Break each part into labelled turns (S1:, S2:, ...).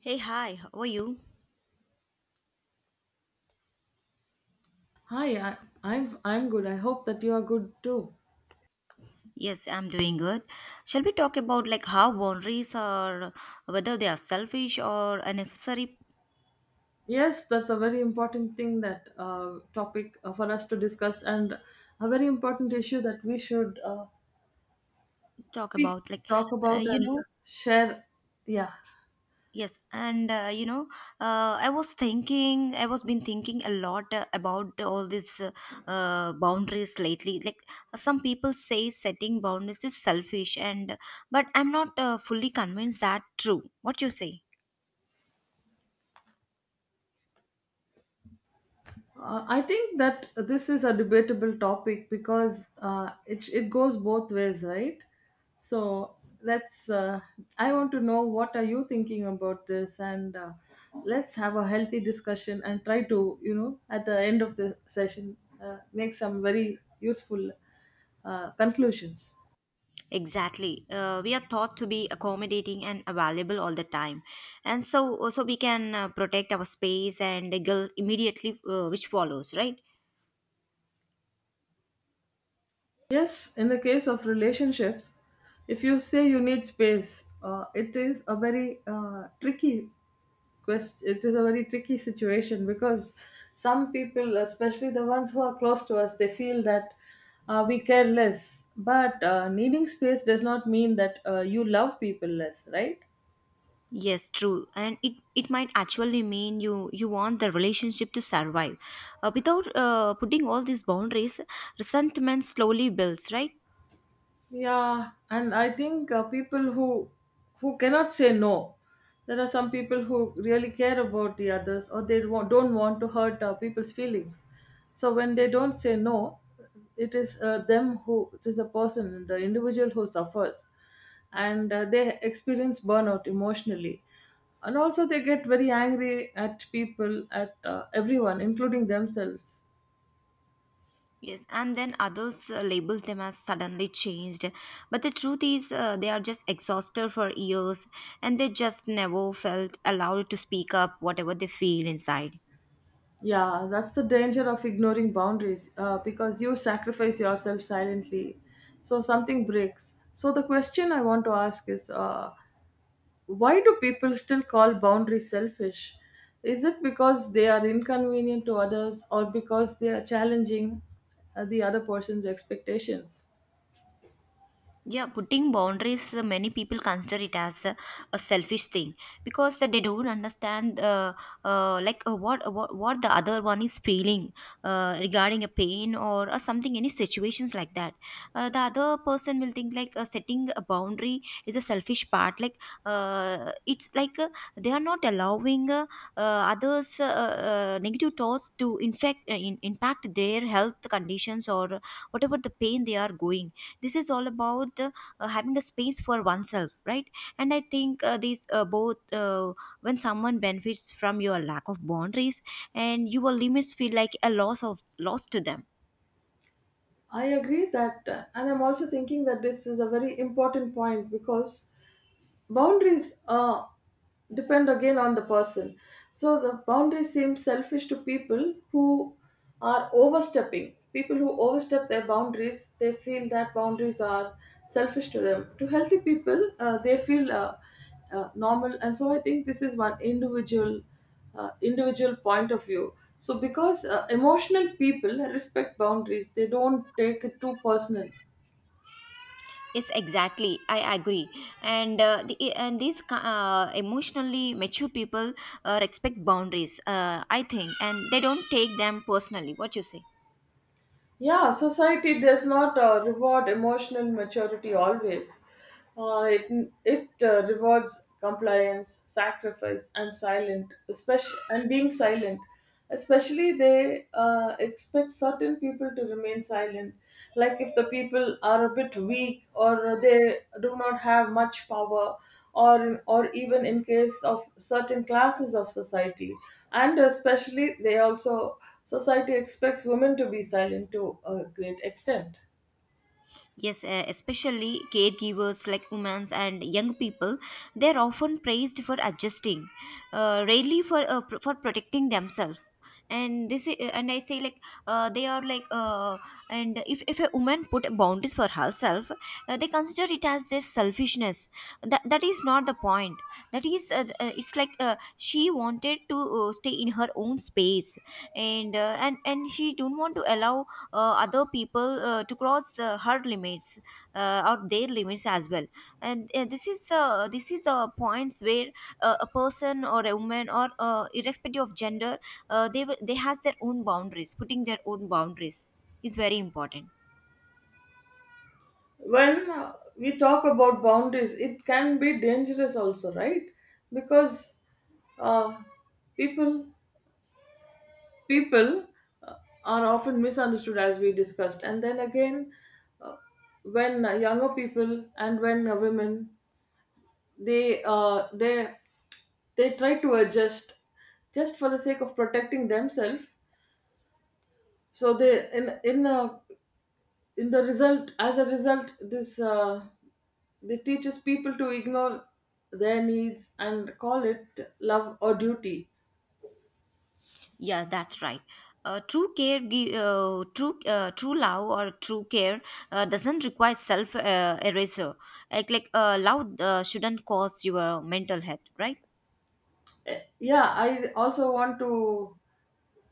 S1: Hey, hi, how are you?
S2: Hi, I'm good. I hope that you are good too.
S1: Yes, I'm doing good. Shall we talk about like how boundaries are, whether they are selfish or unnecessary?
S2: Yes, that's a very important thing that topic for us to discuss, and a very important issue that we should
S1: Talk
S2: speak,
S1: about like,
S2: talk
S1: uh,
S2: about,
S1: you
S2: and
S1: know,
S2: share. Yeah.
S1: yes, and I was thinking, I was been thinking a lot about all these boundaries lately. Like some people say setting boundaries is selfish, and but I'm not fully convinced that true. What you say?
S2: I think that this is a debatable topic because it goes both ways, right? So let's. I want to know what are you thinking about this, and let's have a healthy discussion and try to you know at the end of the session make some very useful conclusions.
S1: Exactly. We are taught to be accommodating and available all the time. And so, so we can protect our space and the guilt immediately, which follows, right?
S2: Yes, in the case of relationships, if you say you need space, it is a very tricky it is a very tricky situation because some people, especially the ones who are close to us, they feel that we care less, but needing space does not mean that you love people less, right?
S1: Yes, true. And it might actually mean you want the relationship to survive. Without putting all these boundaries, resentment slowly builds, right?
S2: Yeah, and I think people who cannot say no. There are some people who really care about the others, or they don't want to hurt people's feelings. So when they don't say no, it is them who it is a person, the individual who suffers, and they experience burnout emotionally, and also they get very angry at people, at everyone, including themselves.
S1: Yes, and then others labels them as suddenly changed. But the truth is, they are just exhausted for years and they just never felt allowed to speak up whatever they feel inside.
S2: Yeah, that's the danger of ignoring boundaries because you sacrifice yourself silently. So something breaks. So the question I want to ask is, why do people still call boundaries selfish? Is it because they are inconvenient to others, or because they are challenging the other person's expectations?
S1: Yeah, putting boundaries, many people consider it as a selfish thing because that they don't understand, what the other one is feeling regarding a pain or something, any situations like that. The other person will think like setting a boundary is a selfish part. Like it's like they are not allowing others' negative thoughts to infect, impact their health conditions or whatever the pain they are going. This is all about having a space for oneself, right? And I think these both when someone benefits from your lack of boundaries and your limits feel like a loss to them.
S2: I agree that, and I'm also thinking that this is a very important point, because boundaries depend again on the person. So the boundaries seem selfish to people who are overstepping. People who overstep their boundaries, they feel that boundaries are selfish to them. To healthy people, they feel normal. And so I think this is one individual point of view, so because emotional people respect boundaries, they don't take it too personal.
S1: Yes, exactly, I agree. And uh, the, and these uh, emotionally mature people respect boundaries, I think, and they don't take them personally. What you say?
S2: Yeah, society does not reward emotional maturity always. It rewards compliance, sacrifice, and silent, especially and being silent. Especially, they expect certain people to remain silent. Like if the people are a bit weak, or they do not have much power, or even in case of certain classes of society, and especially they also society expects women to be silent to a great extent.
S1: Yes, especially caregivers like women and young people, they are often praised for adjusting, rarely for for protecting themselves. And I say like uh, they are like, uh, and if a woman put boundaries for herself, they consider it as their selfishness. That that is not the point. That is, it's like she wanted to stay in her own space, and and she don't want to allow other people to cross her limits or their limits as well. And this is the points where a person or a woman or irrespective of gender they has their own boundaries. Putting their own boundaries is very important.
S2: When we talk about boundaries, it can be dangerous also, right? Because uh, people people uh, are often misunderstood, as we discussed, and then again, uh, when younger people and when women they uh, they they try to adjust just for the sake of protecting themselves. So they in a in the result as a result, this they teaches people to ignore their needs and call it love or duty.
S1: Yeah, that's right. True love or true care doesn't require self eraser. Like love shouldn't cause your mental health, right?
S2: Eh, yeah, I also want to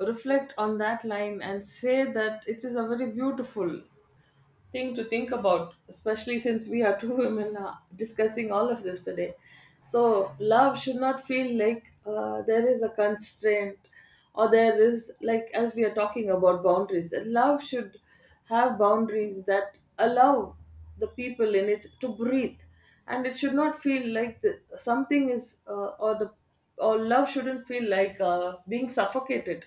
S2: reflect on that line and say that it is a very beautiful thing to think about, especially since we are two women discussing all of this today. So, love should not feel like there is a constraint, or there is, like, as we are talking about boundaries, love should have boundaries that allow the people in it to breathe. And it should not feel like the, something is, or the or love shouldn't feel like being suffocated.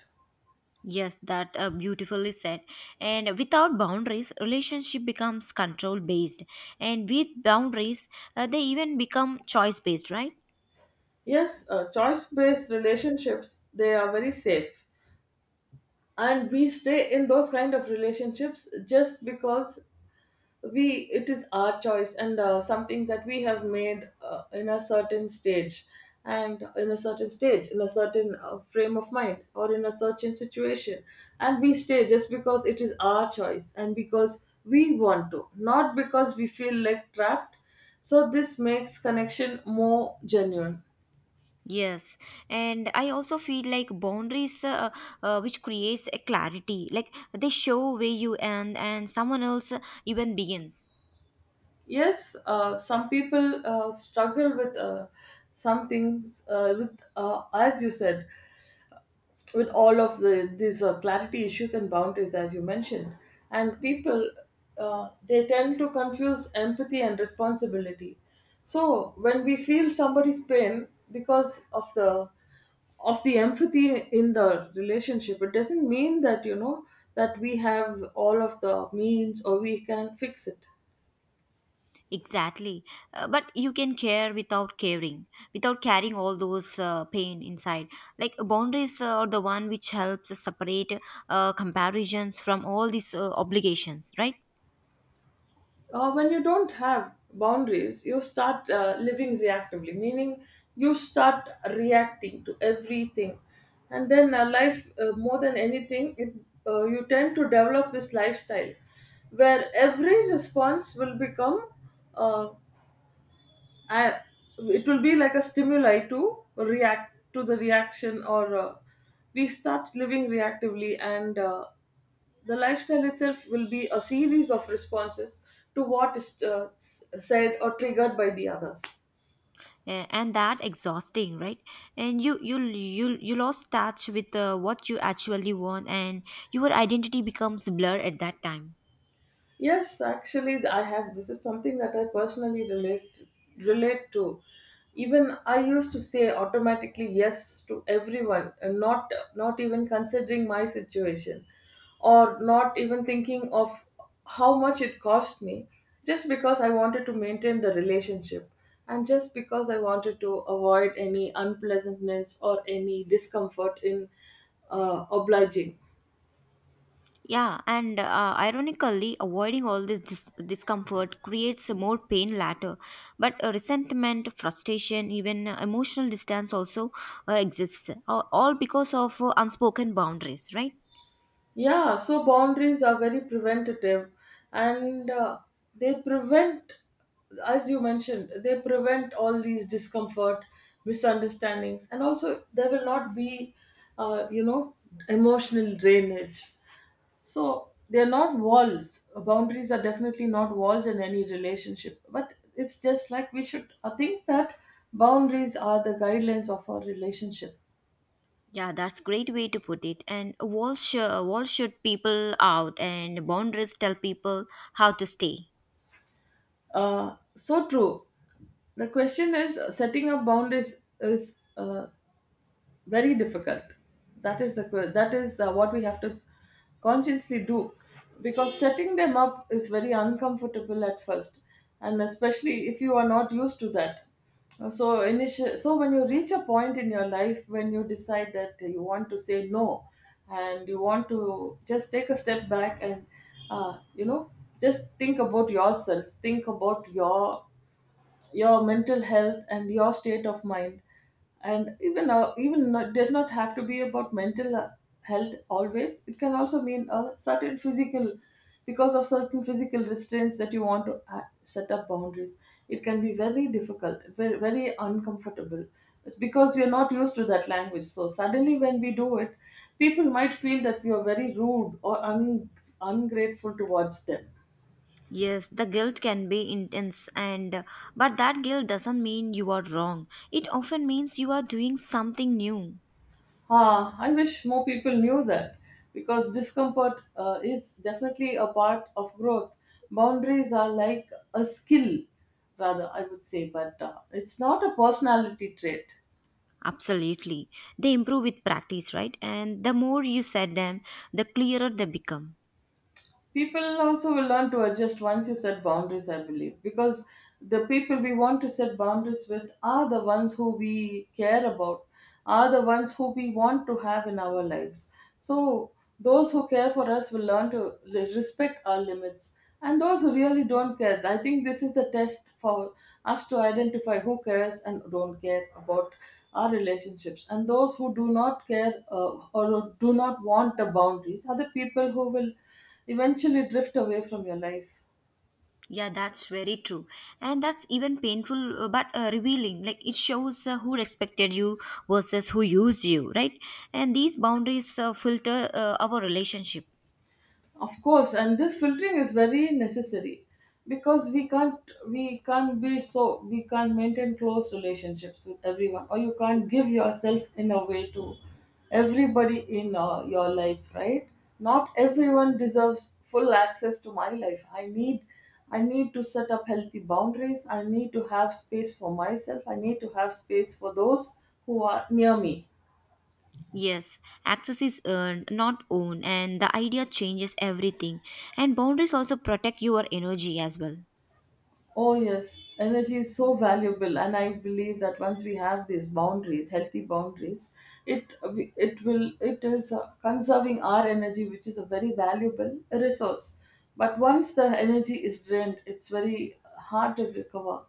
S1: Yes, that beautifully said. And without boundaries, relationship becomes control based. And with boundaries, they even become choice based, right?
S2: Yes, choice based relationships, they are very safe, and we stay in those kind of relationships just because we it is our choice, and something that we have made in a certain stage, in a certain frame of mind or in a certain situation. And we stay just because it is our choice, and because we want to, not because we feel like trapped. So this makes connection more genuine.
S1: Yes, and I also feel like boundaries, which creates a clarity, like they show where you end and someone else even begins.
S2: Yes, some people struggle with some things, with as you said, with all of the these clarity issues and boundaries, as you mentioned. And people, they tend to confuse empathy and responsibility. So when we feel somebody's pain because of the empathy in the relationship, it doesn't mean that, you know, that we have all of the means or we can fix it.
S1: Exactly. But you can care without caring, without carrying all those pain inside. Like boundaries are the one which helps separate comparisons from all these obligations, right?
S2: When you don't have boundaries, you start living reactively, meaning you start reacting to everything. And then more than anything, you tend to develop this lifestyle where every response will become uh, and it will be like a stimuli to react to the reaction. Or we start living reactively, and the lifestyle itself will be a series of responses to what is said or triggered by the others.
S1: And that exhausting, right? And you lost touch with what you actually want, and your identity becomes blurred at that time.
S2: Yes, actually, I have. This is something that I personally relate to. Even I used to say automatically yes to everyone, and not even considering my situation, or not even thinking of how much it cost me, just because I wanted to maintain the relationship, and just because I wanted to avoid any unpleasantness or any discomfort in obliging.
S1: Yeah, and ironically, avoiding all this discomfort creates more pain later. But resentment, frustration, even emotional distance also exists, all because of unspoken boundaries, right?
S2: Yeah, so boundaries are very preventative, and they prevent, as you mentioned, they prevent all these discomfort, misunderstandings, and also there will not be, you know, emotional drainage. So they're not walls. Boundaries are definitely not walls in any relationship, but it's just like we should, I think that boundaries are the guidelines of our relationship.
S1: Yeah, that's great way to put it. And walls, walls shut people out, and boundaries tell people how to stay.
S2: So true. The question is, setting up boundaries is very difficult. That is the that is what we have to consciously do, because setting them up is very uncomfortable at first, and especially if you are not used to that. So when you reach a point in your life when you decide that you want to say no, and you want to just take a step back, and uh, you know, just think about yourself, think about your mental health and your state of mind. And even, even not, does not have to be about mental health always. It can also mean a certain physical, because of certain physical restraints that you want to set up boundaries. It can be very difficult, very, very uncomfortable. It's because we are not used to that language, so suddenly when we do it, people might feel that we are very rude or ungrateful towards them.
S1: Yes, the guilt can be intense, and but that guilt doesn't mean you are wrong. It often means you are doing something new.
S2: Ah, I wish more people knew that, because discomfort is definitely a part of growth. Boundaries are like a skill, rather, I would say, but it's not a personality trait.
S1: Absolutely. They improve with practice, right? And the more you set them, the clearer they become.
S2: People also will learn to adjust once you set boundaries, I believe, because the people we want to set boundaries with are the ones who we care about, are the ones who we want to have in our lives. So those who care for us will learn to respect our limits, and those who really don't care, I think this is the test for us to identify who cares and don't care about our relationships. And those who do not care, or do not want the boundaries, are the people who will eventually drift away from your life.
S1: Yeah, that's very true. And that's even painful but revealing. Like it shows who respected you versus who used you, right? And these boundaries filter our relationship.
S2: Of course, and this filtering is very necessary, because we can't maintain close relationships with everyone, or you can't give yourself in a way to everybody in your life, right? Not everyone deserves full access to my life. I need to set up healthy boundaries. I need to have space for myself. I need to have space for those who are near me.
S1: Yes, access is earned, not owned, and the idea changes everything. And boundaries also protect your energy as well.
S2: Oh, yes, energy is so valuable, and I believe that once we have these boundaries, healthy boundaries, it it is conserving our energy, which is a very valuable resource. But once the energy is drained, it's very hard to recover.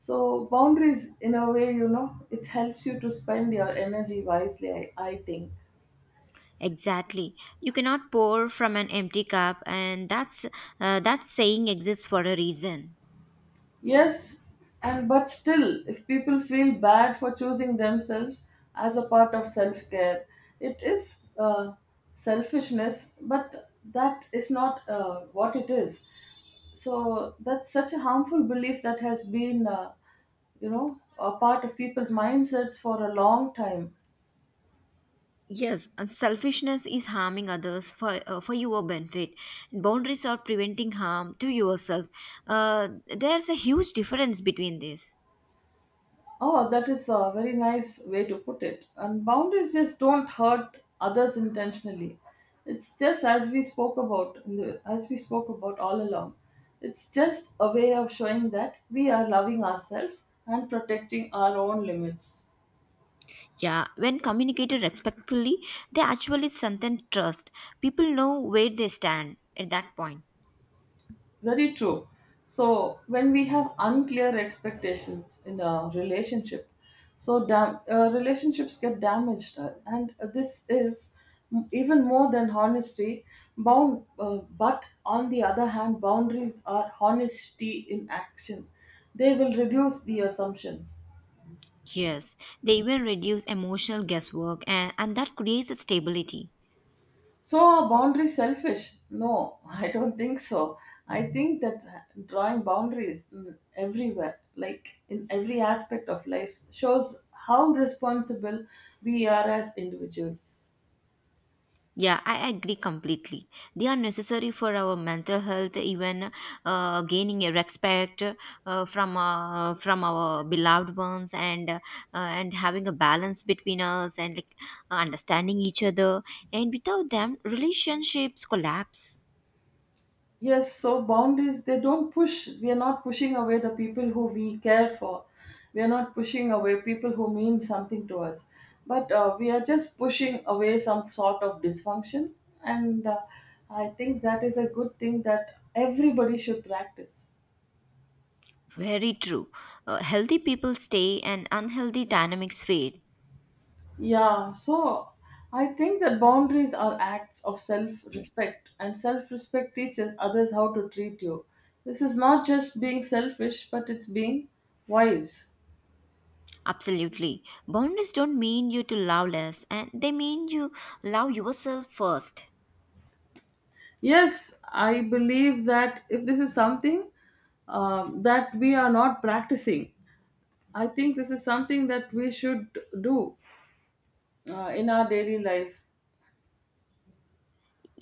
S2: So boundaries, in a way, you know, it helps you to spend your energy wisely. I think.
S1: Exactly. You cannot pour from an empty cup, and that's that saying exists for a reason.
S2: Yes, and but still, if people feel bad for choosing themselves as a part of self care, it is selfishness, but that is not what it is. So that's such a harmful belief that has been, you know, a part of people's mindsets for a long time.
S1: Yes, and selfishness is harming others for your benefit. Boundaries are preventing harm to yourself. Uh, there's a huge difference between this.
S2: Oh, that is a very nice way to put it. And boundaries just don't hurt others intentionally. It's just as we spoke about, as we spoke about all along. It's just a way of showing that we are loving ourselves and protecting our own limits.
S1: Yeah, when communicated respectfully, they actually strengthen trust. People know where they stand at that point.
S2: Very true. So when we have unclear expectations in a relationship, so relationships get damaged, and this is even more than honesty. But on the other hand, boundaries are honesty in action. They will reduce the assumptions.
S1: Yes, they even reduce emotional guesswork, and that creates a stability.
S2: So boundary selfish? No, I don't think so. I think that drawing boundaries everywhere, like in every aspect of life, shows how responsible we are as individuals.
S1: Yeah, I agree completely. They are necessary for our mental health, even gaining a respect from our beloved ones, and having a balance between us, and like understanding each other. And without them, relationships collapse.
S2: Yes, so boundaries, they don't push. We are not pushing away the people who we care for. We are not pushing away people who mean something to us. But we are just pushing away some sort of dysfunction. And I think that is a good thing that everybody should practice.
S1: Very true. Healthy people stay, and unhealthy dynamics fade.
S2: Yeah, so I think that boundaries are acts of self respect, and self respect teaches others how to treat you. This is not just being selfish, but it's being wise.
S1: Absolutely. Boundaries don't mean you to love less, and they mean you love yourself first.
S2: Yes, I believe that if this is something that we are not practicing, I think this is something that we should do in our daily life.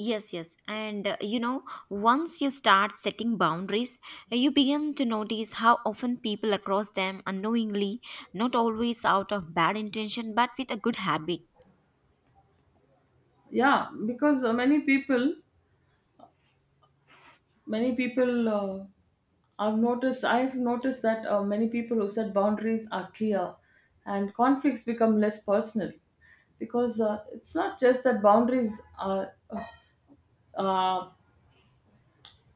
S1: Yes, yes. And once you start setting boundaries, you begin to notice how often people across them unknowingly, not always out of bad intention, but with a good habit.
S2: Yeah, because many people, uh, I've noticed that many people who set boundaries are clear and conflicts become less personal because it's not just that boundaries are, uh,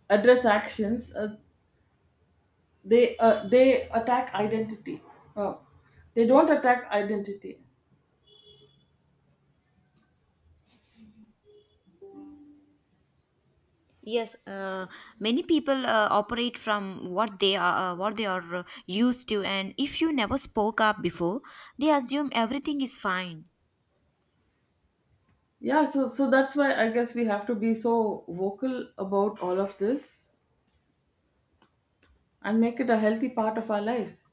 S2: address actions. They attack identity uh, they don't attack identity.
S1: Yes, many people operate from what they are used to, and if you never spoke up before, they assume everything is fine.
S2: Yeah, so that's why I guess we have to be so vocal about all of this and make it a healthy part of our lives.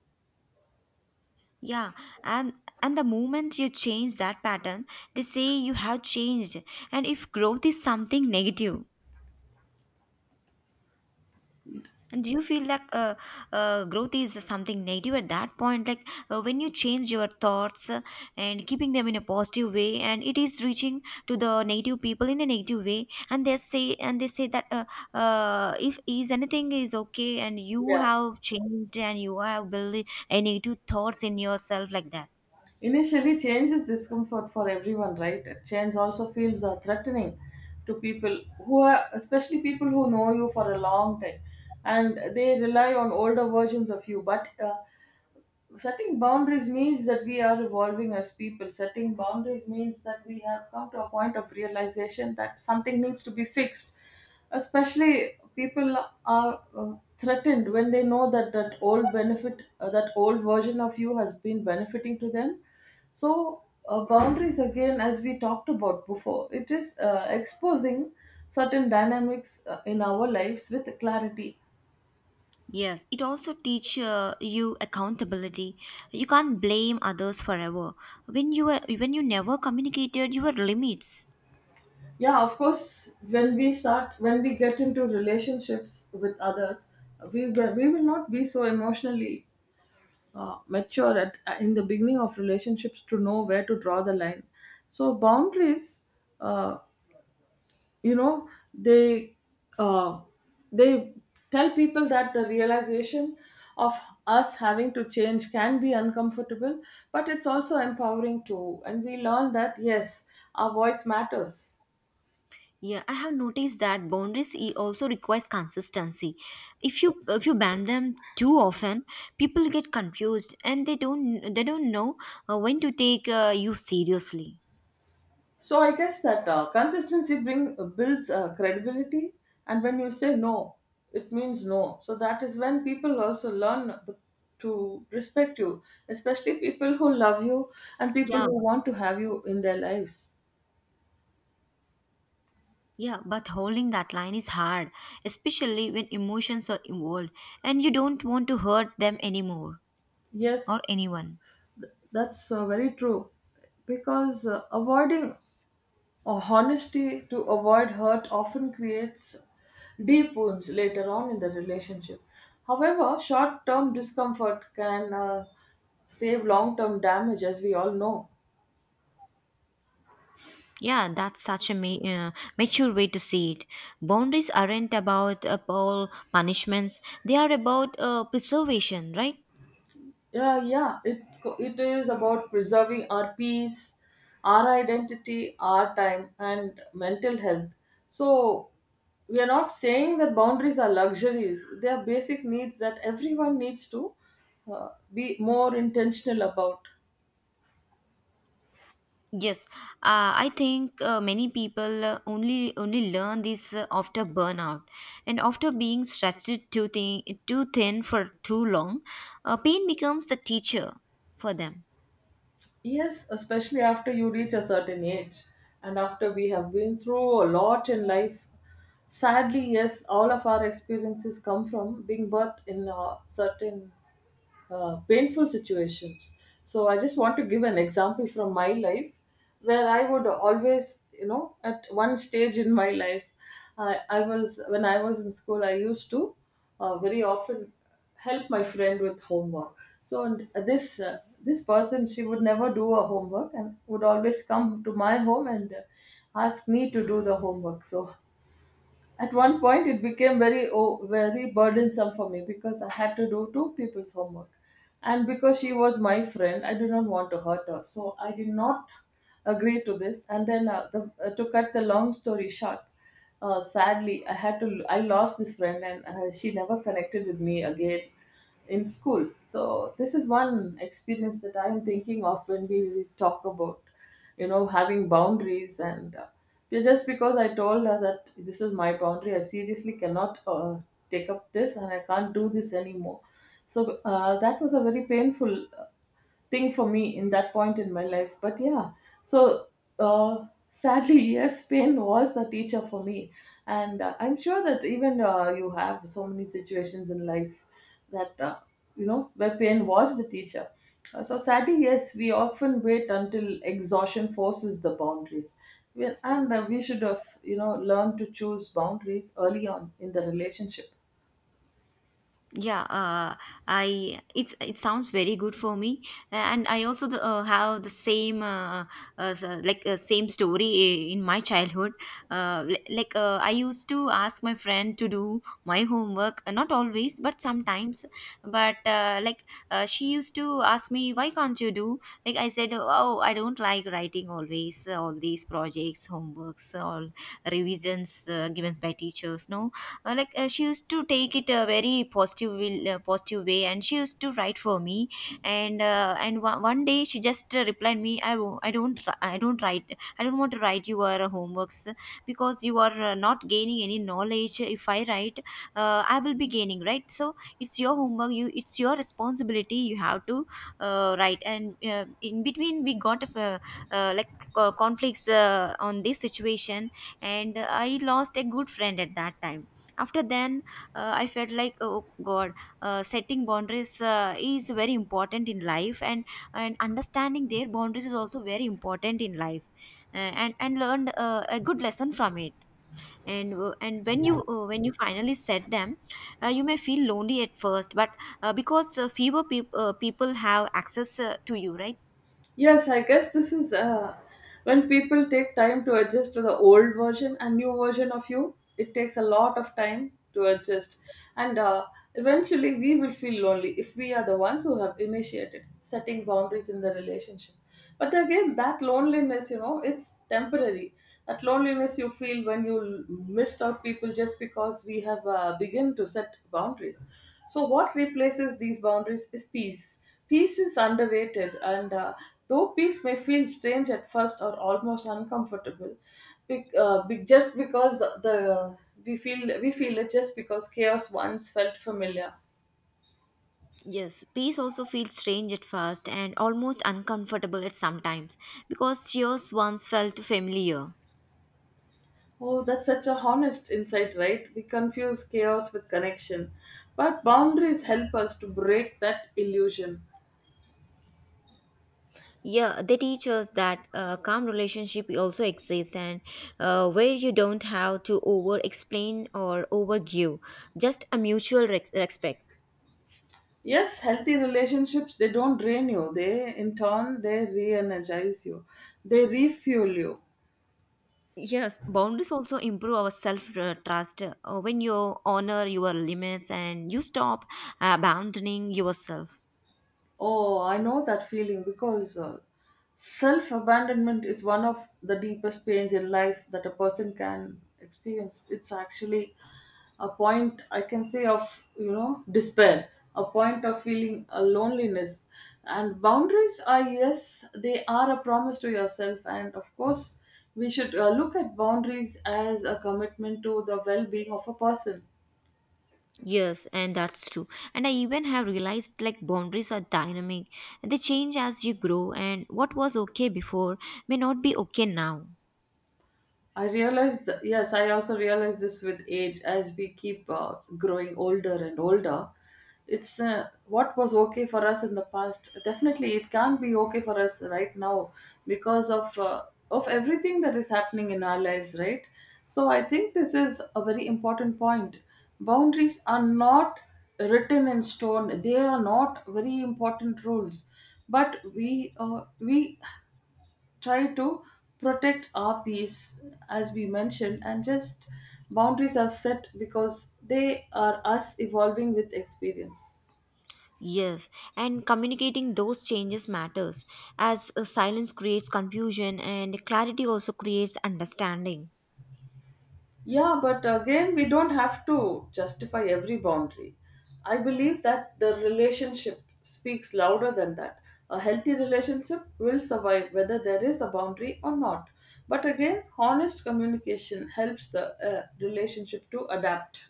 S1: Yeah, and and the moment you change that pattern, they say you have changed, and if growth is something negative. And do you feel like growth is something negative at that point? Like when you change your thoughts and keeping them in a positive way, and it is reaching to the negative people in a negative way, and they say that if is anything is okay, and you
S2: Yeah,
S1: have changed and you have built a negative thoughts in yourself like that.
S2: initially change is discomfort for everyone, right? Change also feels threatening to people who are, especially people who know you for a long time and they rely on older versions of you. But setting boundaries means that we are evolving as people. Setting boundaries means that we have come to a point of realization that something needs to be fixed. Especially people are threatened when they know that that old benefit that old version of you has been benefiting to them. So boundaries, again, as we talked about before, it is exposing certain dynamics in our lives with clarity.
S1: Yes, it also teach you accountability. You can't blame others forever. When you never communicated your limits.
S2: Yeah, of course, when we start, when we get into relationships with others, we will not be so emotionally mature at in the beginning of relationships to know where to draw the line. So boundaries, uh, you know they uh, they tell people that the realization of us having to change can be uncomfortable, but it's also empowering too, and we learn that, yes, our voice matters.
S1: Yeah, I have noticed that boundaries also requires consistency. If you ban them too often, people get confused and they don't know when to take you seriously.
S2: So I guess that builds credibility, and when you say no, it means no. So that is when people also learn the, to respect you, especially people who love you and people
S1: Yeah,
S2: who want to have you in their lives.
S1: yeah, but holding that line is hard, especially when emotions are involved and you don't want to hurt them anymore or
S2: Yes,
S1: anyone.
S2: that's very true. Because avoiding Or honesty to avoid hurt often creates deep wounds later on in the relationship. However, short term discomfort can save long term damage, as we all know.
S1: Yeah, that's such a mature way to see it. Boundaries aren't about all punishments; they are about preservation, right?
S2: Yeah, yeah, it is about preserving our peace, our identity, our time, and mental health. So, we are not saying that boundaries are luxuries, they are basic needs that everyone needs to be more intentional about.
S1: Yes, I think many people only learn this after burnout, and after being stretched too thin for too long, pain becomes the teacher for them.
S2: Yes, especially after you reach a certain age and after we have been through a lot in life. Sadly, yes, all of our experiences come from being birthed in certain painful situations. So I just want to give an example from my life, where I would always, you know, at one stage in my life. I was when I was in school, I used to very often help my friend with homework. So, and this this person, she would never do her homework and would always come to my home and ask me to do the homework. So at one point, it became very burdensome for me because I had to do two people's homework, and because she was my friend, I did not want to hurt her, so I did not agree to this. And then, to cut the long story short, sadly, I had to I lost this friend, and she never connected with me again in school. So this is one experience that I am thinking of when we talk about, you know, having boundaries, and just because I told her that this is my boundary, I seriously cannot take up this and I can't do this anymore. So that was a very painful uh, thing for me in that point in my life. But yeah, so sadly, yes, pain was the teacher for me. And I'm sure that even you have so many situations in life that you know where pain was the teacher. So sadly, yes, we often wait until exhaustion forces the boundaries. We- And We should have, you know, learned to choose boundaries early on in the relationship.
S1: Yeah, I it's it sounds very good for me, and I also have the same same story in my childhood. I used to ask my friend to do my homework, not always but sometimes. But she used to ask me, why can't you do? Like I said, oh, I don't like writing always, all these projects, homeworks, all revisions given by teachers. No, she used to take it a positive way, and she used to write for me. And one, one day she just replied me, I don't write, I don't want to write your homeworks, because you are not gaining any knowledge. If I write, I will be gaining, right? So it's your homework, you it's your responsibility, you have to write. And in between we got uh, like co- conflicts on this situation, and I lost a good friend at that time. After then, I felt like, oh god, setting boundaries is very important in life, and understanding their boundaries is also very important in life. And learned a good lesson from it. And when you finally set them, you may feel lonely at first, but because people have access to you, right?
S2: Yes, I guess this is when people take time to adjust to the old version and new version of you, it takes a lot of time to adjust. And Eventually, we will feel lonely if we are the ones who have initiated setting boundaries in the relationship. But again, that loneliness, you know, it's temporary. That loneliness you feel when missed out people just because we have begun to set boundaries. So, what replaces these boundaries is peace. Peace is underrated, and though peace may feel strange at first or almost uncomfortable, just because the we feel it just because chaos once felt familiar.
S1: Yes, peace also feels strange at first and almost uncomfortable at sometimes, because yours once felt familiar.
S2: Oh, that's such a honest insight, right? We confuse chaos with connection, but boundaries help us to break that illusion.
S1: Yeah, they teach us that calm relationship also exists, and where you don't have to over explain or over give, just a mutual rex respect.
S2: Yes, healthy relationships, they don't drain you. They in turn they re-energize you. They refuel you.
S1: Yes, boundaries also improve our self trust when you honor your limits and you stop abandoning yourself.
S2: Oh, I know that feeling because self abandonment is one of the deepest pains in life that a person can experience. It's actually a point I can say of, you know, despair, a point of feeling a loneliness. And boundaries are, yes, they are a promise to yourself. And of course, we should look at boundaries as a commitment to the well being of a person.
S1: Yes, and that's true. And I even have realized like boundaries are dynamic, they change as you grow, and what was okay before may not be okay now.
S2: I also realize this with age as we keep growing older and older. It's what was okay for us in the past. Definitely, it can't be okay for us right now because of everything that is happening in our lives, right? So I think this is a very important point. Boundaries are not written in stone. They are not very important rules, but we try to protect our peace, as we mentioned, and just boundaries are set because they are us evolving with experience.
S1: Yes, and communicating those changes matters, as silence creates confusion and clarity also creates understanding.
S2: Yeah, but again, we don't have to justify every boundary. I believe that the relationship speaks louder than that. A healthy relationship will survive whether there is a boundary or not, but again, honest communication helps the relationship to adapt.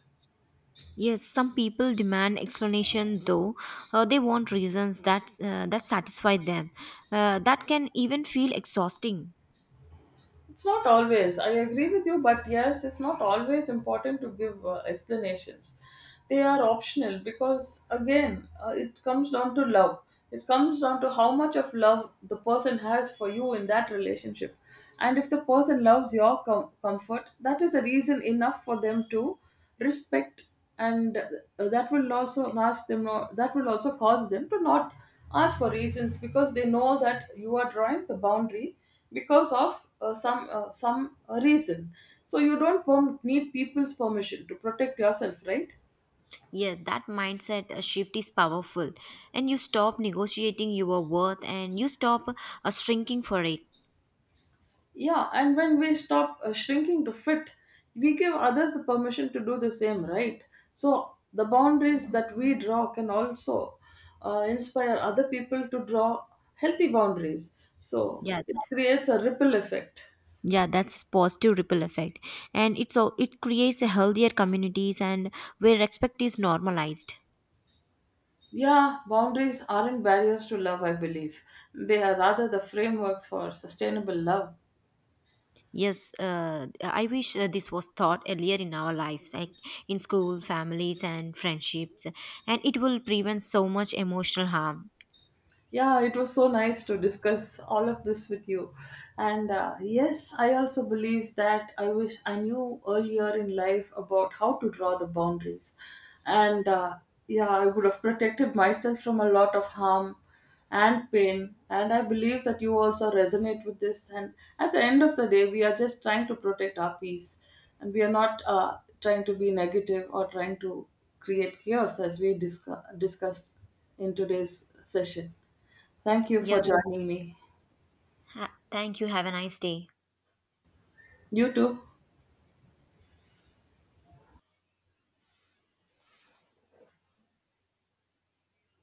S1: Yes, some people demand explanation though, they want reasons that that satisfy them. That can even feel exhausting.
S2: It's not always. I agree with you, but yes, it's not always important to give explanations. They are optional because, again, it comes down to love. It comes down to how much of love the person has for you in that relationship. And if the person loves your comfort, that is a reason enough for them to respect, and that will also cause them to not ask for reasons, because they know that you are drawing the boundary because of some reason. So you don't need people's permission to protect yourself, right?
S1: Yeah, that mindset shift is powerful, and you stop negotiating your worth and you stop shrinking for it.
S2: Yeah, and when we stop shrinking to fit, we give others the permission to do the same, right? So the boundaries that we draw can also inspire other people to draw healthy boundaries, so
S1: Yeah,
S2: it creates a ripple effect.
S1: yeah, that's positive ripple effect, and it's all it creates a healthier communities and where respect is normalized.
S2: Yeah, boundaries aren't barriers to love, I believe. They are rather the frameworks for sustainable love.
S1: Yes, I wish this was taught earlier in our lives, like in school, families, and friendships, and it will prevent so much emotional harm.
S2: Yeah, it was so nice to discuss all of this with you. And yes, I also believe that I wish I knew earlier in life about how to draw the boundaries. And yeah, I would have protected myself from a lot of harm and pain. And I believe that you also resonate with this. And at the end of the day, we are just trying to protect our peace. And we are not trying to be negative or trying to create chaos, as we discussed in today's session. Thank you
S1: Yeah,
S2: for joining me.
S1: thank you, have a nice day.
S2: You too.